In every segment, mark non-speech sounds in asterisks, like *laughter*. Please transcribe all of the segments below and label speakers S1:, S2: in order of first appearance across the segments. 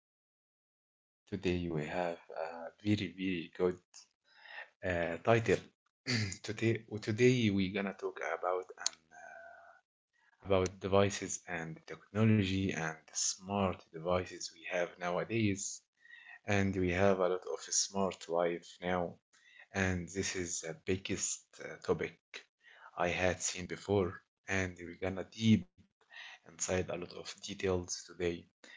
S1: podcast. Today we have a very very good title. *clears throat* Today we're gonna talk about devices and technology and smart devices we have nowadays. And we have a lot of smart life now. And this is the biggest topic I had seen before, and we're gonna deep inside a lot of details today.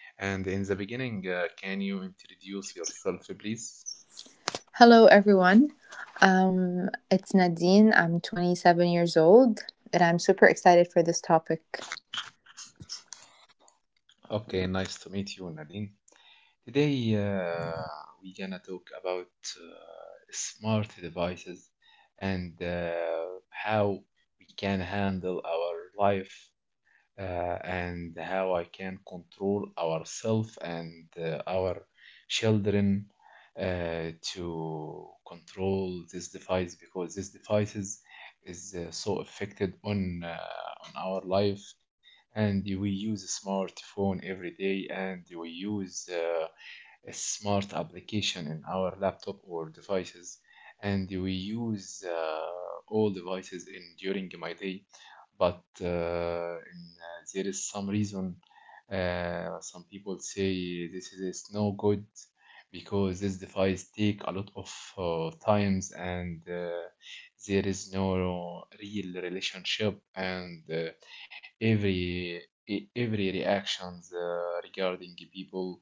S1: And in the beginning, can you introduce yourself, please?
S2: Hello, everyone. It's Nadine. I'm 27 years old, and I'm super excited for this topic.
S1: Okay, nice to meet you, Nadine. Today, we're gonna talk about smart devices and how we can handle our life, uh, and how I can control ourselves and our children, to control this device because this devices is so affected on our life, and we use a smartphone every day and we use a smart application in our laptop or devices, and we use all devices in during my day. But there is some reason, some people say this is no good because this device take a lot of times, and there is no real relationship, and every every reactions regarding the people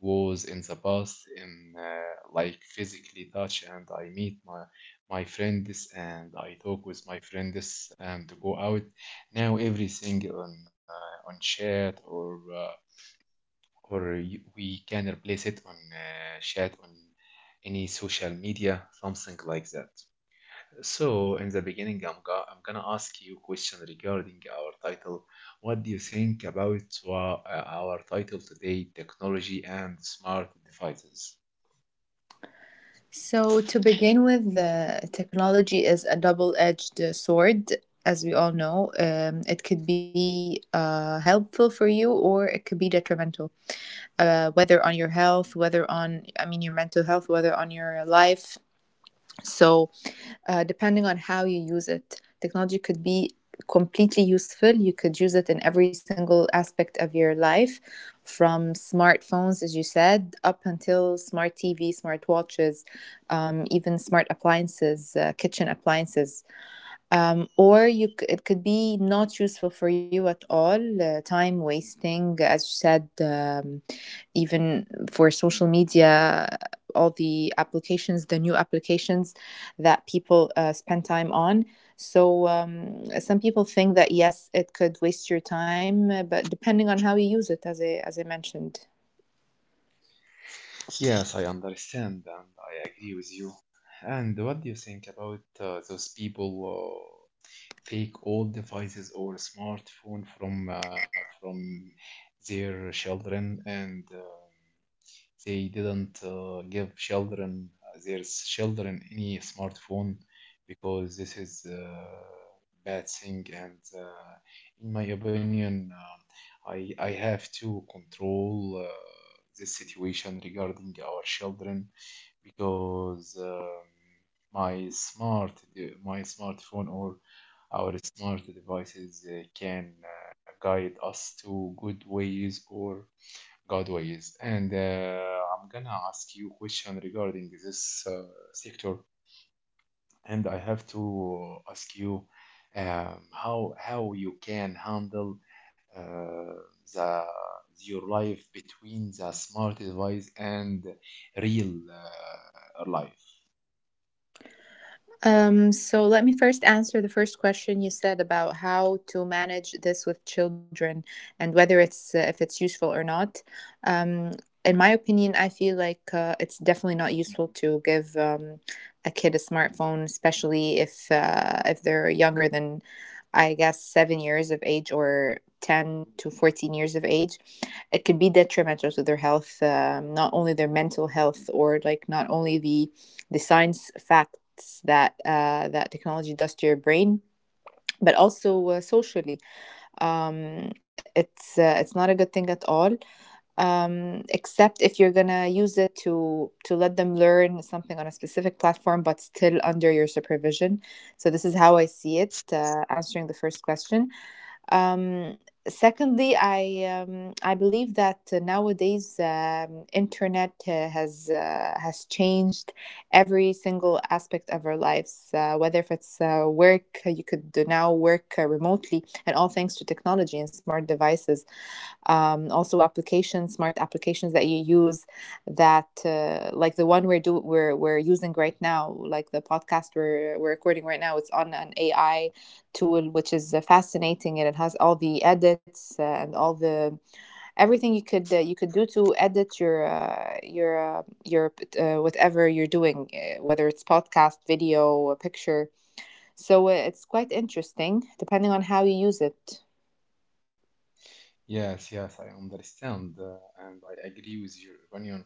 S1: was in the past in like physically touch, and I meet my friends and I talk with my friends and go out. Now everything on chat, or we can replace it on chat on any social media, something like that. So, in the beginning, I'm gonna ask you a question regarding our title. What do you think about our title today, technology and smart devices?
S2: So, to begin with, the technology is a double edged sword, as we all know. It could be helpful for you, or it could be detrimental, whether on your health, whether on, I mean, your mental health, whether on your life. So, depending on how you use it. Technology could be completely useful. You could use it in every single aspect of your life, from smartphones, as you said, up until smart TV, smart watches, even smart appliances, kitchen appliances. Or it could be not useful for you at all, time wasting, as you said. Even for social media, all the applications, the new applications that people spend time on. So, some people think that yes, it could waste your time, but depending on how you use it, as I mentioned.
S1: Yes, I understand and I agree with you. And what do you think about those people take old devices or smartphone from their children, and they didn't give children their children any smartphone because this is a bad thing. And in my opinion, I have to control uh, this situation regarding our children because my my smartphone or our smart devices can guide us to good ways or Godways, and I'm gonna ask you question regarding this sector, and I have to ask you, um, how you can handle uh, the your life between the smart device and real life.
S2: So let me first answer the first question you said about how to manage this with children and whether it's if it's useful or not. Um, in my opinion, I feel like it's definitely not useful to give a kid a smartphone, especially if they're younger than, I guess, 7 years of age or 10 to 14 years of age. It could be detrimental to their health, not only their mental health or like not only the science facts that that technology does to your brain, but also socially, it's not a good thing at all. Except if you're gonna use it to let them learn something on a specific platform, but still under your supervision. So this is how I see it, answering the first question. um, Secondly, I believe that nowadays internet has changed every single aspect of our lives. Whether if it's work, you could do now work remotely, and all thanks to technology and smart devices. Also, applications, smart applications that you use, that like the one we're do we're using right now, like the podcast we're recording right now. It's on an AI tool, which is fascinating, and it has all the edits and all the everything you could do to edit your whatever you're doing, whether it's podcast, video, a picture. So it's quite interesting, depending on how you use it.
S1: Yes, yes, I understand, and I agree with your opinion.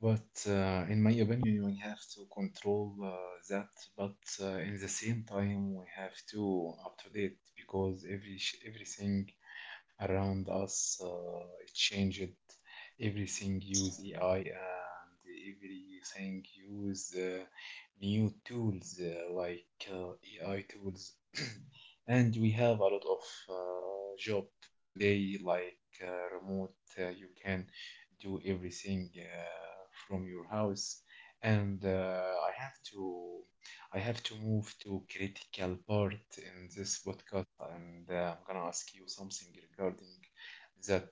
S1: But in my opinion, we have to control that. But in the same time, we have to up to date because everything around us it changed. Everything use AI and everything use new tools like AI tools, and we have a lot of job today, like remote. You can do everything from your house. And uh, I have to, I have to move to critical part in this podcast, and I'm gonna ask you something regarding that.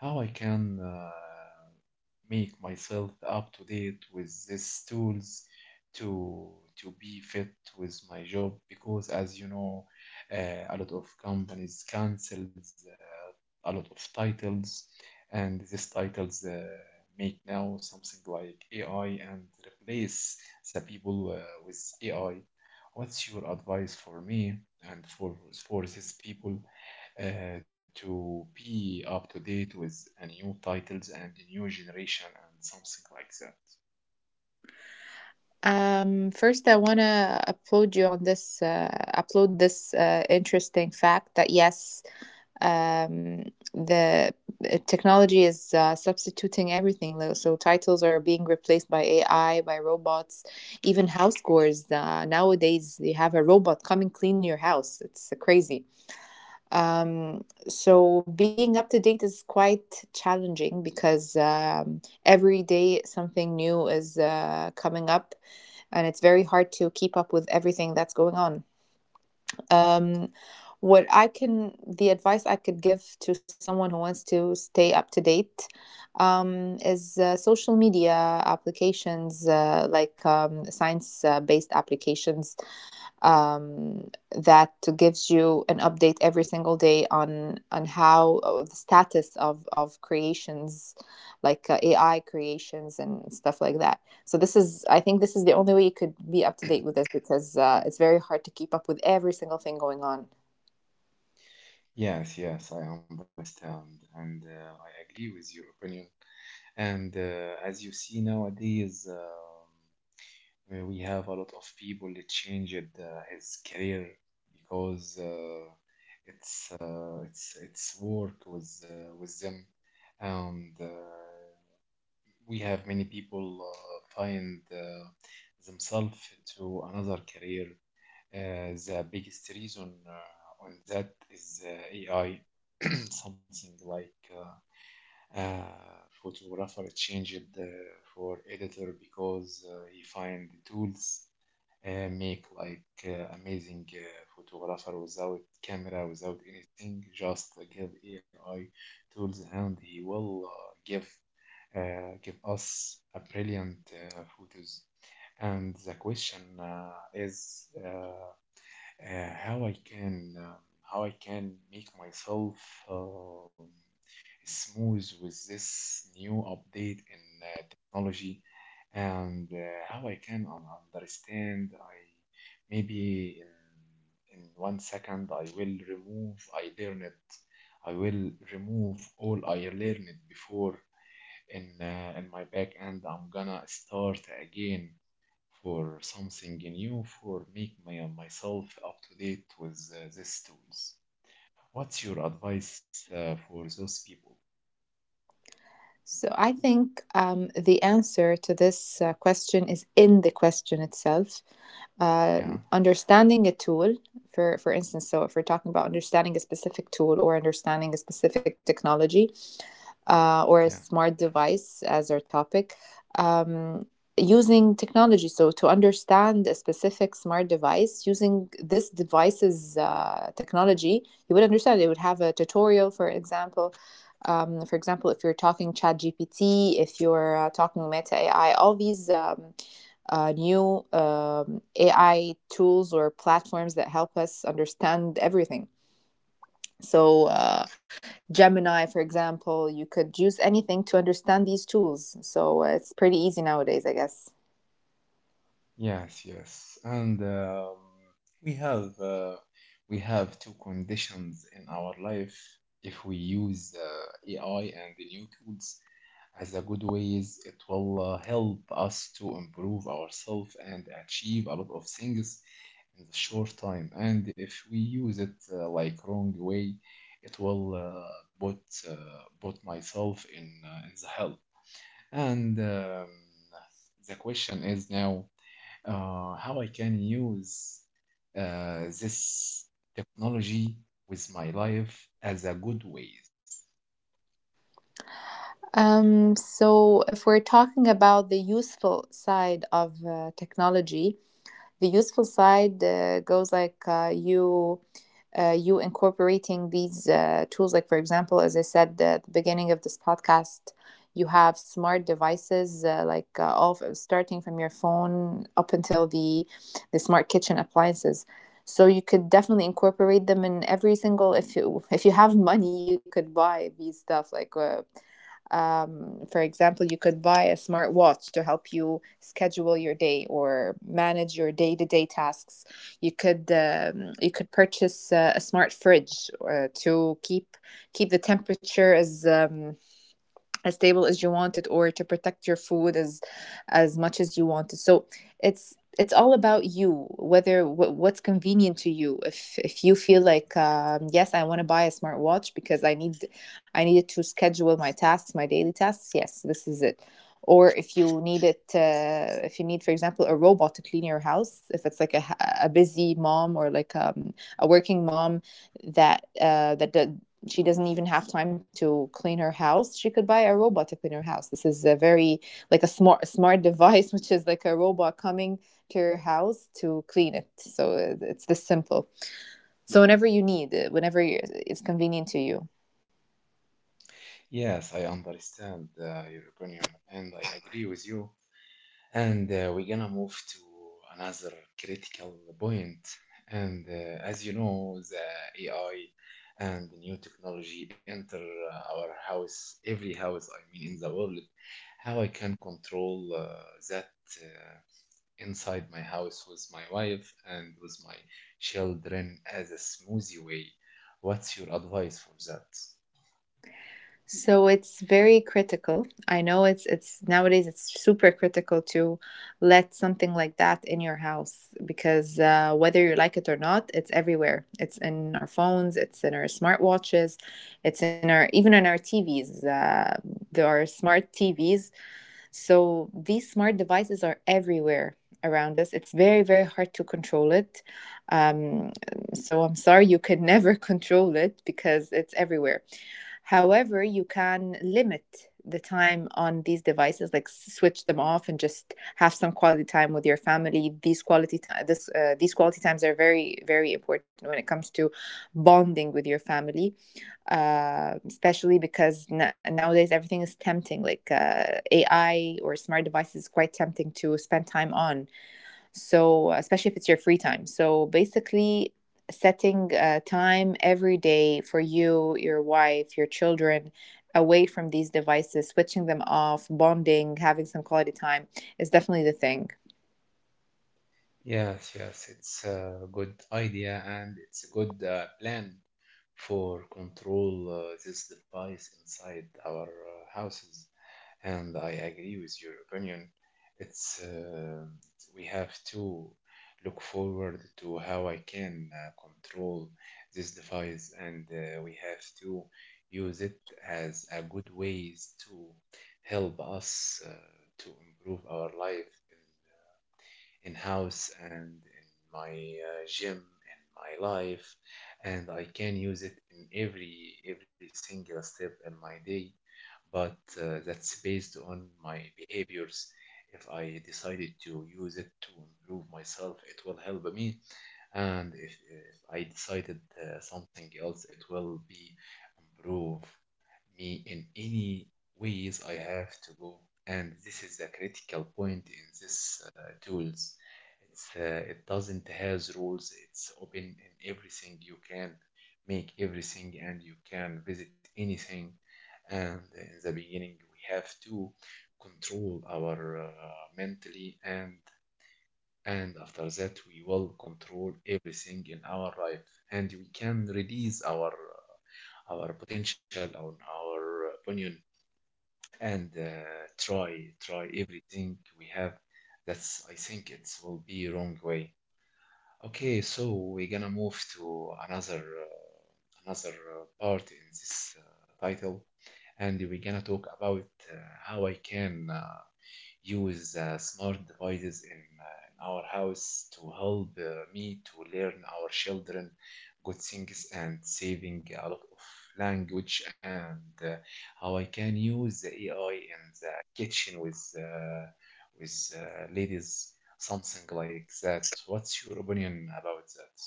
S1: How I can make myself up to date with these tools to to be fit with my job because as you know, a lot of companies cancels a lot of titles, and these titles make now something like AI and replace the people with AI. What's your advice for me and for these people to be up to date with a new titles and a new generation and something like that.
S2: First, I want to upload you on this upload this interesting fact that yes, um, the technology is substituting everything, though. So titles are being replaced by AI, by robots. Even house chores, nowadays you have a robot come and clean your house. It's crazy. So being up to date is quite challenging because every day something new is coming up, and it's very hard to keep up with everything that's going on. um, what I can, the advice I could give to someone who wants to stay up to date, is social media applications, like science-based applications, um, that gives you an update every single day on how the status of creations, like AI creations and stuff like that. So this is, I think, this is the only way you could be up to date with this, because it's very hard to keep up with every single thing going on.
S1: Yes, yes, I understand, and I agree with your opinion. And as you see nowadays, we have a lot of people that changed his career because it's work with them, and we have many people find themselves to another career. The biggest reason on that is AI, *clears throat* something like uh, uh, photographer changed for editor because he find the tools make like amazing photographer without camera, without anything, just give AI tools, and he will give us a brilliant photos. And the question is how I can um, how I can make myself um smooth with this new update in technology, and how I can understand. I maybe in 1 second I will remove. I learned. I will remove all I learned before in my back end. I'm gonna start again for something new for make my, myself up to date with these tools. What's your advice for those people?
S2: So I think the answer to this question is in the question itself.
S1: Yeah,
S2: Understanding a tool, for instance. So if we're talking about understanding a specific tool or understanding a specific technology, or a
S1: yeah.
S2: smart device as our topic, um, using technology. So, to understand a specific smart device, using this device's technology, you would understand. It would have a tutorial, for example. For example, if you're talking ChatGPT, if you're talking Meta AI, all these new AI tools or platforms that help us understand everything. So, Gemini, for example, you could use anything to understand these tools. So, it's pretty easy nowadays, I guess.
S1: Yes, yes, and we have uh, we have 2 conditions in our life. If we use ai and the new tools as a good ways, it will help us to improve ourselves and achieve a lot of things in the short time. And if we use it like wrong way, it will put uh, put myself in the hell. And the question is now, how I can use this technology with my life as a good ways.
S2: So, if we're talking about the useful side of technology, the useful side goes like you incorporating these tools. Like, for example, as I said at the beginning of this podcast, you have smart devices like all starting from your phone up until the smart kitchen appliances. So you could definitely incorporate them in every single. If you have money, you could buy these stuff like. For example, you could buy a smart watch to help you schedule your day or manage your day to day tasks. You could you could purchase a smart fridge to keep the temperature as stable as you wanted, or to protect your food as much as you wanted. So it's all about you, whether what's convenient to you. If you feel like, yes, I want to buy a smartwatch because I needed to schedule my tasks, my daily tasks, yes, this is it. Or if you need it, if you need, for example, a robot to clean your house, if it's like a, a busy mom, or like a working mom that she doesn't even have time to clean her house, she could buy a robot to clean her house. This is a very like a smart *laughs* device, which is like a robot coming to your house to clean it. So it's this simple. So whenever you need, whenever it's convenient to you.
S1: Yes, I understand your opinion and I agree with you. And we're gonna move to another critical point. And as you know, the AI and the new technology enter our house, every house, I mean, in the world. How I can control that uh, inside my house with my wife and with my children as a smoothie way. What's your advice for that?
S2: So it's very critical. I know it's nowadays it's super critical to let something like that in your house because whether you like it or not, it's everywhere. It's in our phones, it's in our smartwatches, it's in our even in our TVs. There are smart TVs, so these smart devices are everywhere around us. It's very, very hard to control it. Um, so I'm sorry, you can *laughs* never control it because it's everywhere. However, you can limit the time on these devices, like switch them off and just have some quality time with your family. These quality time, this these quality times are very, very important when it comes to bonding with your family, especially because nowadays everything is tempting. Like AI or smart devices is quite tempting to spend time on. So, especially if it's your free time. So, basically, setting time every day for you, your wife, your children, away from these devices, switching them off, bonding, having some quality time is definitely the thing.
S1: Yes, yes, it's a good idea and it's a good plan for control this device inside our houses. And I agree with your opinion. It's we have to look forward to how I can control this device, and we have to use it as a good ways to help us to improve our life in house and in my gym in my life, and I can use it in every single step in my day. But that's based on my behaviors. If I decided to use it to improve myself, it will help me. And if I decided something else, it will be improve me in any ways I have to go. And this is the critical point in this tools. It's it doesn't has rules. It's open in everything. You can make everything, and you can visit anything. And in the beginning, we have to control our mentally, and after that, we will control everything in our life, and we can release our potential on our opinion, and try try everything we have. That's I think it will be wrong way. Okay, so we're gonna move to another another part in this title, and we're gonna talk about uh, how I can use smart devices in our house to help me to learn our children good things and saving a lot of language, and how I can use the AI in the kitchen with ladies, something like that. What's your opinion about that?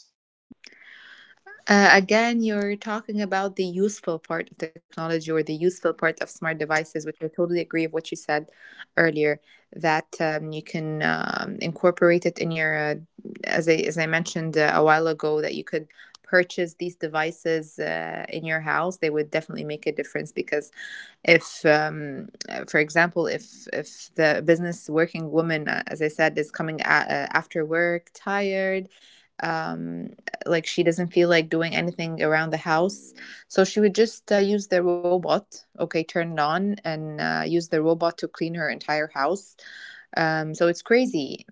S2: Again, you're talking about the useful part of technology or the useful part of smart devices, which I totally agree with what you said earlier. That you can incorporate it in your, as I mentioned a while ago, that you could purchase these devices in your house. They would definitely make a difference because if, for example, if the business working woman, as I said, is coming after work tired, um like she doesn't feel like doing anything around the house, so she would just use the robot, okay, turn it on and use the robot to clean her entire house. So it's crazy.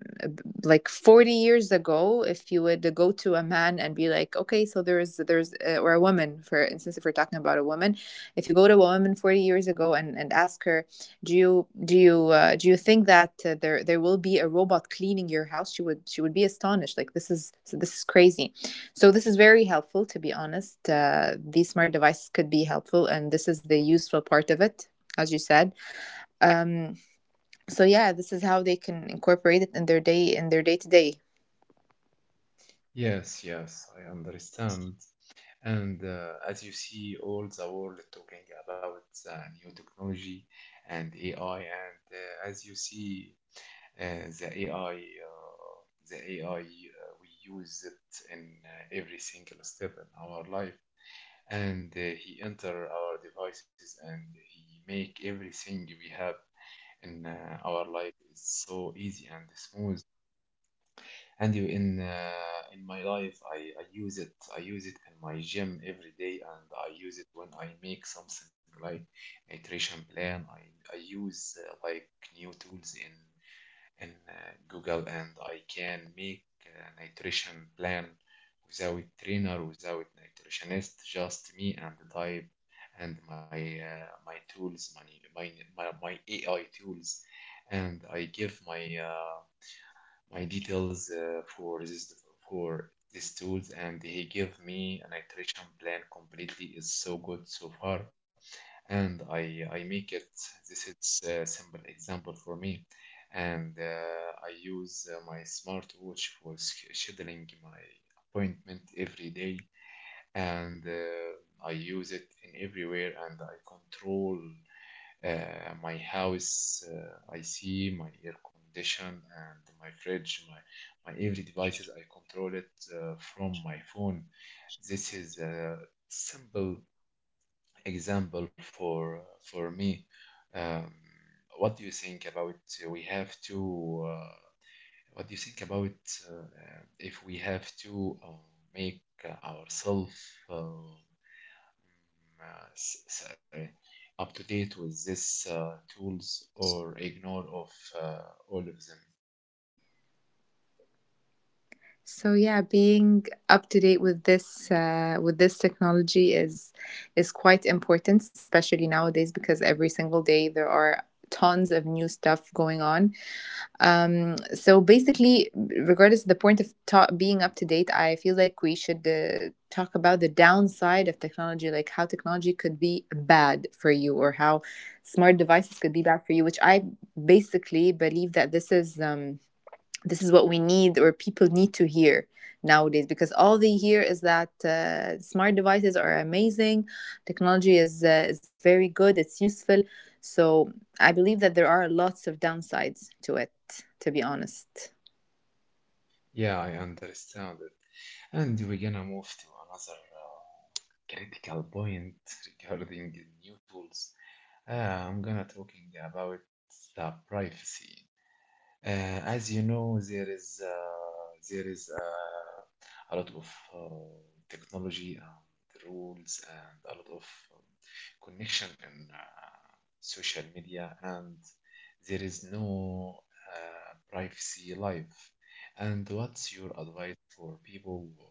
S2: Like 40 years ago, if you would go to a man and be like, okay, so or a woman, for instance, if we're talking about a woman, if you go to a woman 40 years ago and, ask her, do you think that there will be a robot cleaning your house? She would be astonished. Like this is, so this is crazy. So this is very helpful, to be honest. These smart devices could be helpful, and this is the useful part of it, as you said. Um, so yeah, this is how they can incorporate it in their day to day.
S1: Yes, yes, I understand. And as you see, all the world talking about the new technology and AI, and as you see, uh, the AI, uh, the AI, we use it in every single step in our life, and he enter our devices, and he make everything we have in our life so easy and smooth. And you in my life, I use it in my gym every day, and I use it when I make something like a nutrition plan. I use like new tools in Google, and I can make a nutrition plan without trainer, without nutritionist, just me and the type and my my tools my, my my my AI tools. And I give my my details for this for these tools, and he gave me an nutrition plan completely. Is so good so far, and I make it. This is a simple example for me. And I use my smartwatch for scheduling my appointment every day, and I use it in everywhere, and I control. My house, I see my air condition and my fridge, my every devices. I control it from my phone. This is a simple example for me. Um, what do you think about we have to? What do you think about if we have to make ourselves? Up to date with these tools or ignore of uh, all of them.
S2: So yeah, being up to date with this technology is quite important, especially nowadays, because every single day there are tons of new stuff going on. So basically, regardless of the point of being up to date, I feel like we should talk about the downside of technology, like how technology could be bad for you or how smart devices could be bad for you, which I basically believe that this is. This is what we need or people need to hear nowadays because all they hear is that smart devices are amazing, technology is very good, it's useful. So I believe that there are lots of downsides to it, to be honest.
S1: Yeah, I understand it. And we're gonna move to another critical point regarding the new tools. Uh, I'm gonna talking about the privacy. As you know, there is a lot of uh, technology and rules and a lot of um, connection in social media, and there is no privacy life. And what's your advice for people who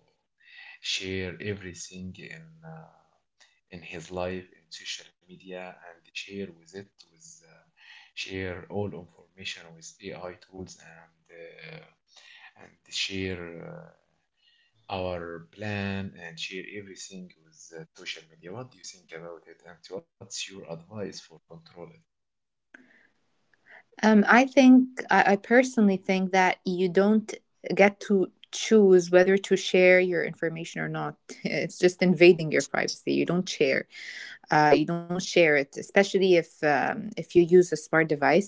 S1: share everything in his life in social media and share with it with share all information with AI tools and share our plan and share everything with social media? What do you think about it, and what's your advice for control it?
S2: I think I personally think that you don't get to choose whether to share your information or not. *laughs* It's just invading your privacy. You don't share, you don't share it, especially if you use a smart device.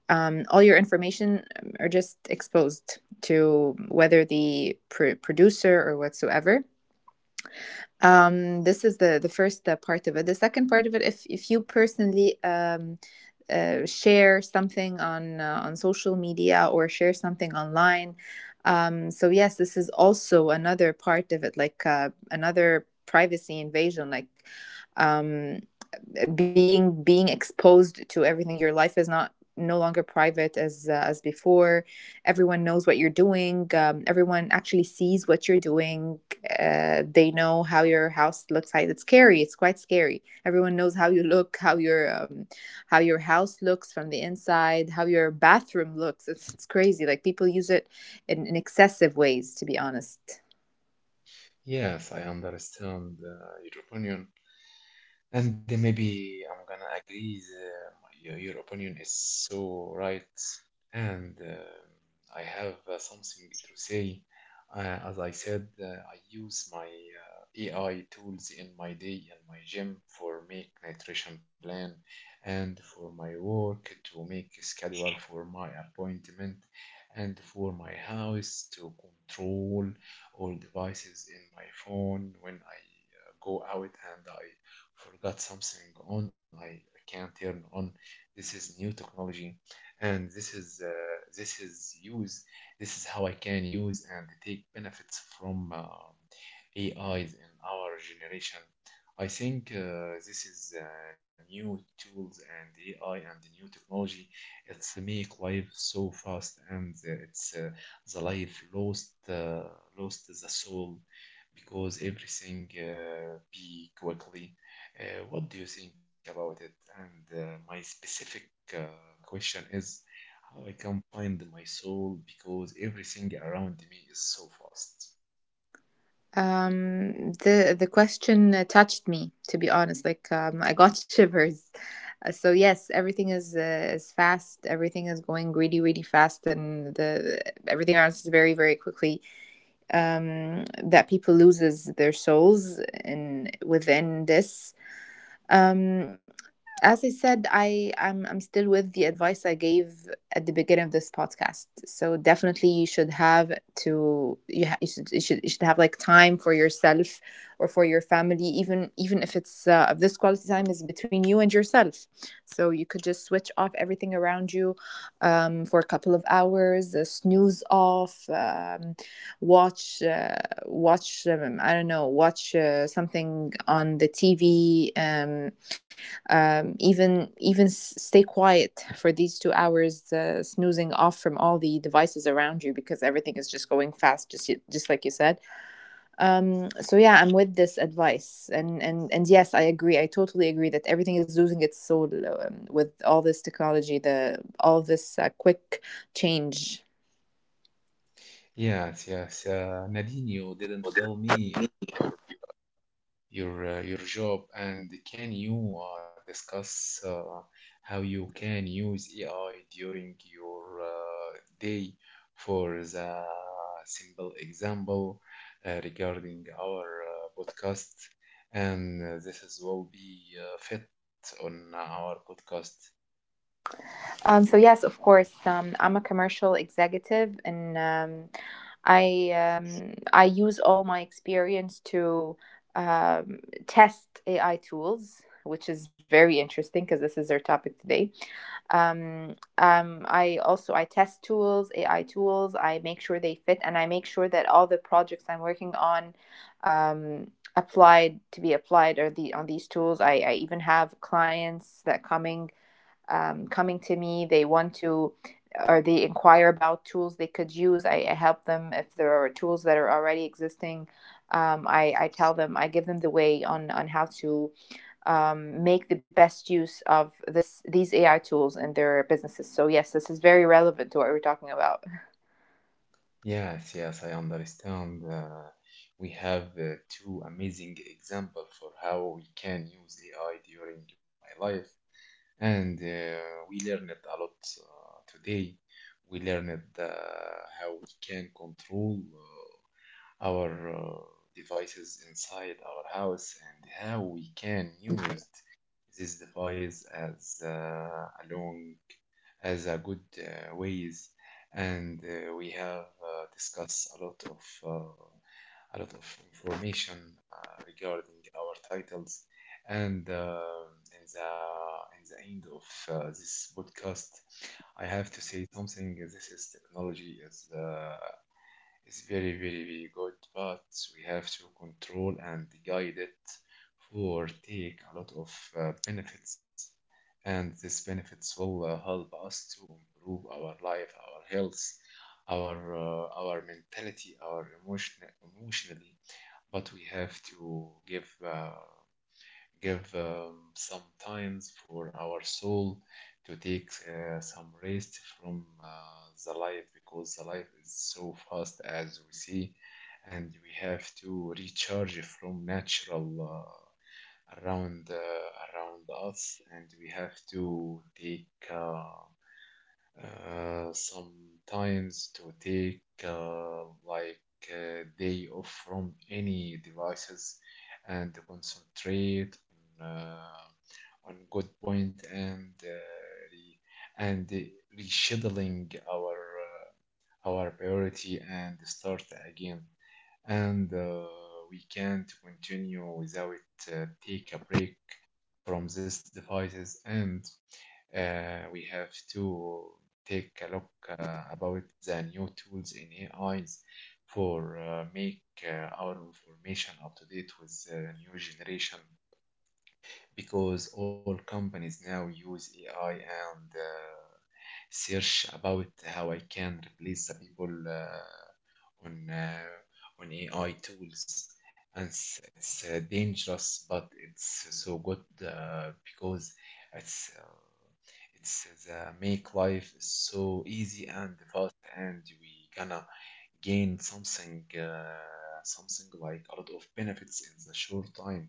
S2: All your information are just exposed to whether the producer or whatsoever. This is the first part of it. The second part of it, if you personally share something on social media or share something online. So yes, this is also another part of it, like another privacy invasion. Like um, being exposed to everything, your life is not no longer private as before. Everyone knows what you're doing, everyone actually sees what you're doing. They know how your house looks like. It's scary, it's quite scary. Everyone knows how you look, how your house looks from the inside, how your bathroom looks. It's crazy, like people use it in excessive ways, to be honest.
S1: Yes, I understand your opinion. And maybe I'm gonna agree your opinion is so right. And I have something to say. Uh, as I said, I use my AI tools in my day and my gym for make nutrition plan, and for my work to make schedule for my appointment, and for my house to control all devices in my phone when I go out and I forgot something on. I can't turn on. This is new technology, and this is use. This is how I can use and take benefits from AIs in our generation. I think this is new tools and AI and the new technology. It's make life so fast, and it's the life lost lost the soul because everything be quickly. What do you think about it? And my specific uh, question is how I can find my soul because everything around me is so fast.
S2: The question touched me, to be honest. Like I got *laughs* shivers. So yes, everything is fast. Everything is going really, really fast, and the everything else is very, very quickly. That people loses their souls in within this. Um, as I said, I'm still with the advice I gave at the beginning of this podcast. So definitely, you should have to you, you should have like time for yourself or for your family, even if it's if this quality time is between you and yourself. So you could just switch off everything around you for a couple of hours, snooze off, watch I don't know, watch something on the TV. Even stay quiet for these 2 hours, snoozing off from all the devices around you because everything is just going fast, just just like you said. So yeah, I'm with this advice, and yes, I agree. I totally agree that everything is losing its soul with all this technology, the all this quick change.
S1: Yes, yes. Nadine, you didn't tell me your your job. And can you discuss how you can use AI during your day for the simple example regarding our podcast, and this is will be fit on our podcast?
S2: So yes, of course, I'm a commercial executive, and I I use all my experience to um, test AI tools, which is very interesting because this is our topic today. Um, I also I test tools, AI tools. I make sure they fit, and I make sure that all the projects I'm working on um, applied to be applied are the on these tools. I even have clients that coming coming to me. They want to, or they inquire about tools they could use. I help them if there are tools that are already existing. I tell them, I give them the way on how to make the best use of this these AI tools in their businesses. So yes, this is very relevant to what we're talking about.
S1: Yes, yes, I understand. We have two amazing example for how we can use AI during my life. And we learned a lot today. We learned how we can control our devices inside our house, and how we can use this device as a long as a good ways. And we have discussed a lot of information regarding our titles. And In the in the end of this podcast, I have to say something. This is technology is it's very, very, very good, but we have to control and guide it for take a lot of benefits. And these benefits will help us to improve our life, our health, our mentality, our emotionally. But we have to give give some times for our soul to take some rest from the life, because the life is so fast as we see, and we have to recharge from natural around around us, and we have to take. Sometimes to take like a day off from any devices and concentrate on, uh, on good point. And re- and rescheduling our priority and start again. And we can't continue without take a break from these devices. And we have to take a look about the new tools in AIs for make our information up to date with the new generation, because all companies now use AI and search about how I can replace the people on uh, on AI tools. And it's dangerous, but it's so good, because it's uh, it's make life so easy and fast. And we gonna gain something something like a lot of benefits in the short time.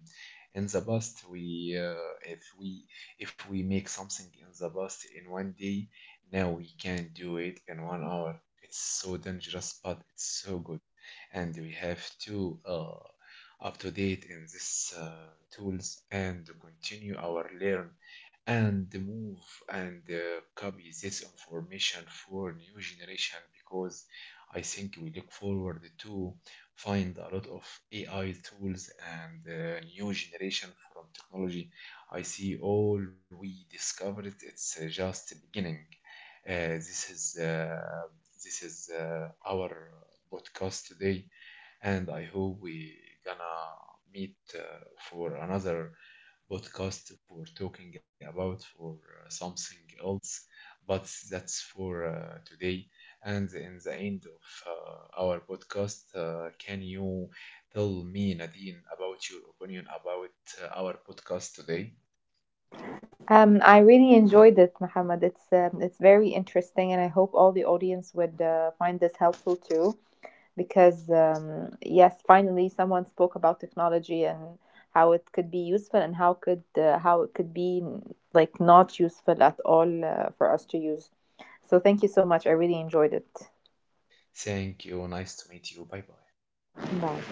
S1: In the past, we if we if we make something in the past in 1 day, now we can do it in 1 hour. It's so dangerous, but it's so good. And we have to up to date in this tools and continue our learn and move, and copy this information for new generation, because I think we look forward to find a lot of AI tools and new generation from technology. I see all we discovered it's just the beginning. Uh, this is uh, this is our podcast today, and I hope we gonna meet for another podcast for talking about for something else, but that's for today. And in the end of our podcast, can you tell me, Nadine, about your opinion about our podcast today?
S2: I really enjoyed it, Mohammed. It's very interesting, and I hope all the audience would find this helpful too, because yes, finally someone spoke about technology and how it could be useful and how could how it could be like not useful at all for us to use. So thank you so much. I really enjoyed it.
S1: Thank you. Nice to meet you. Bye bye.
S2: Bye.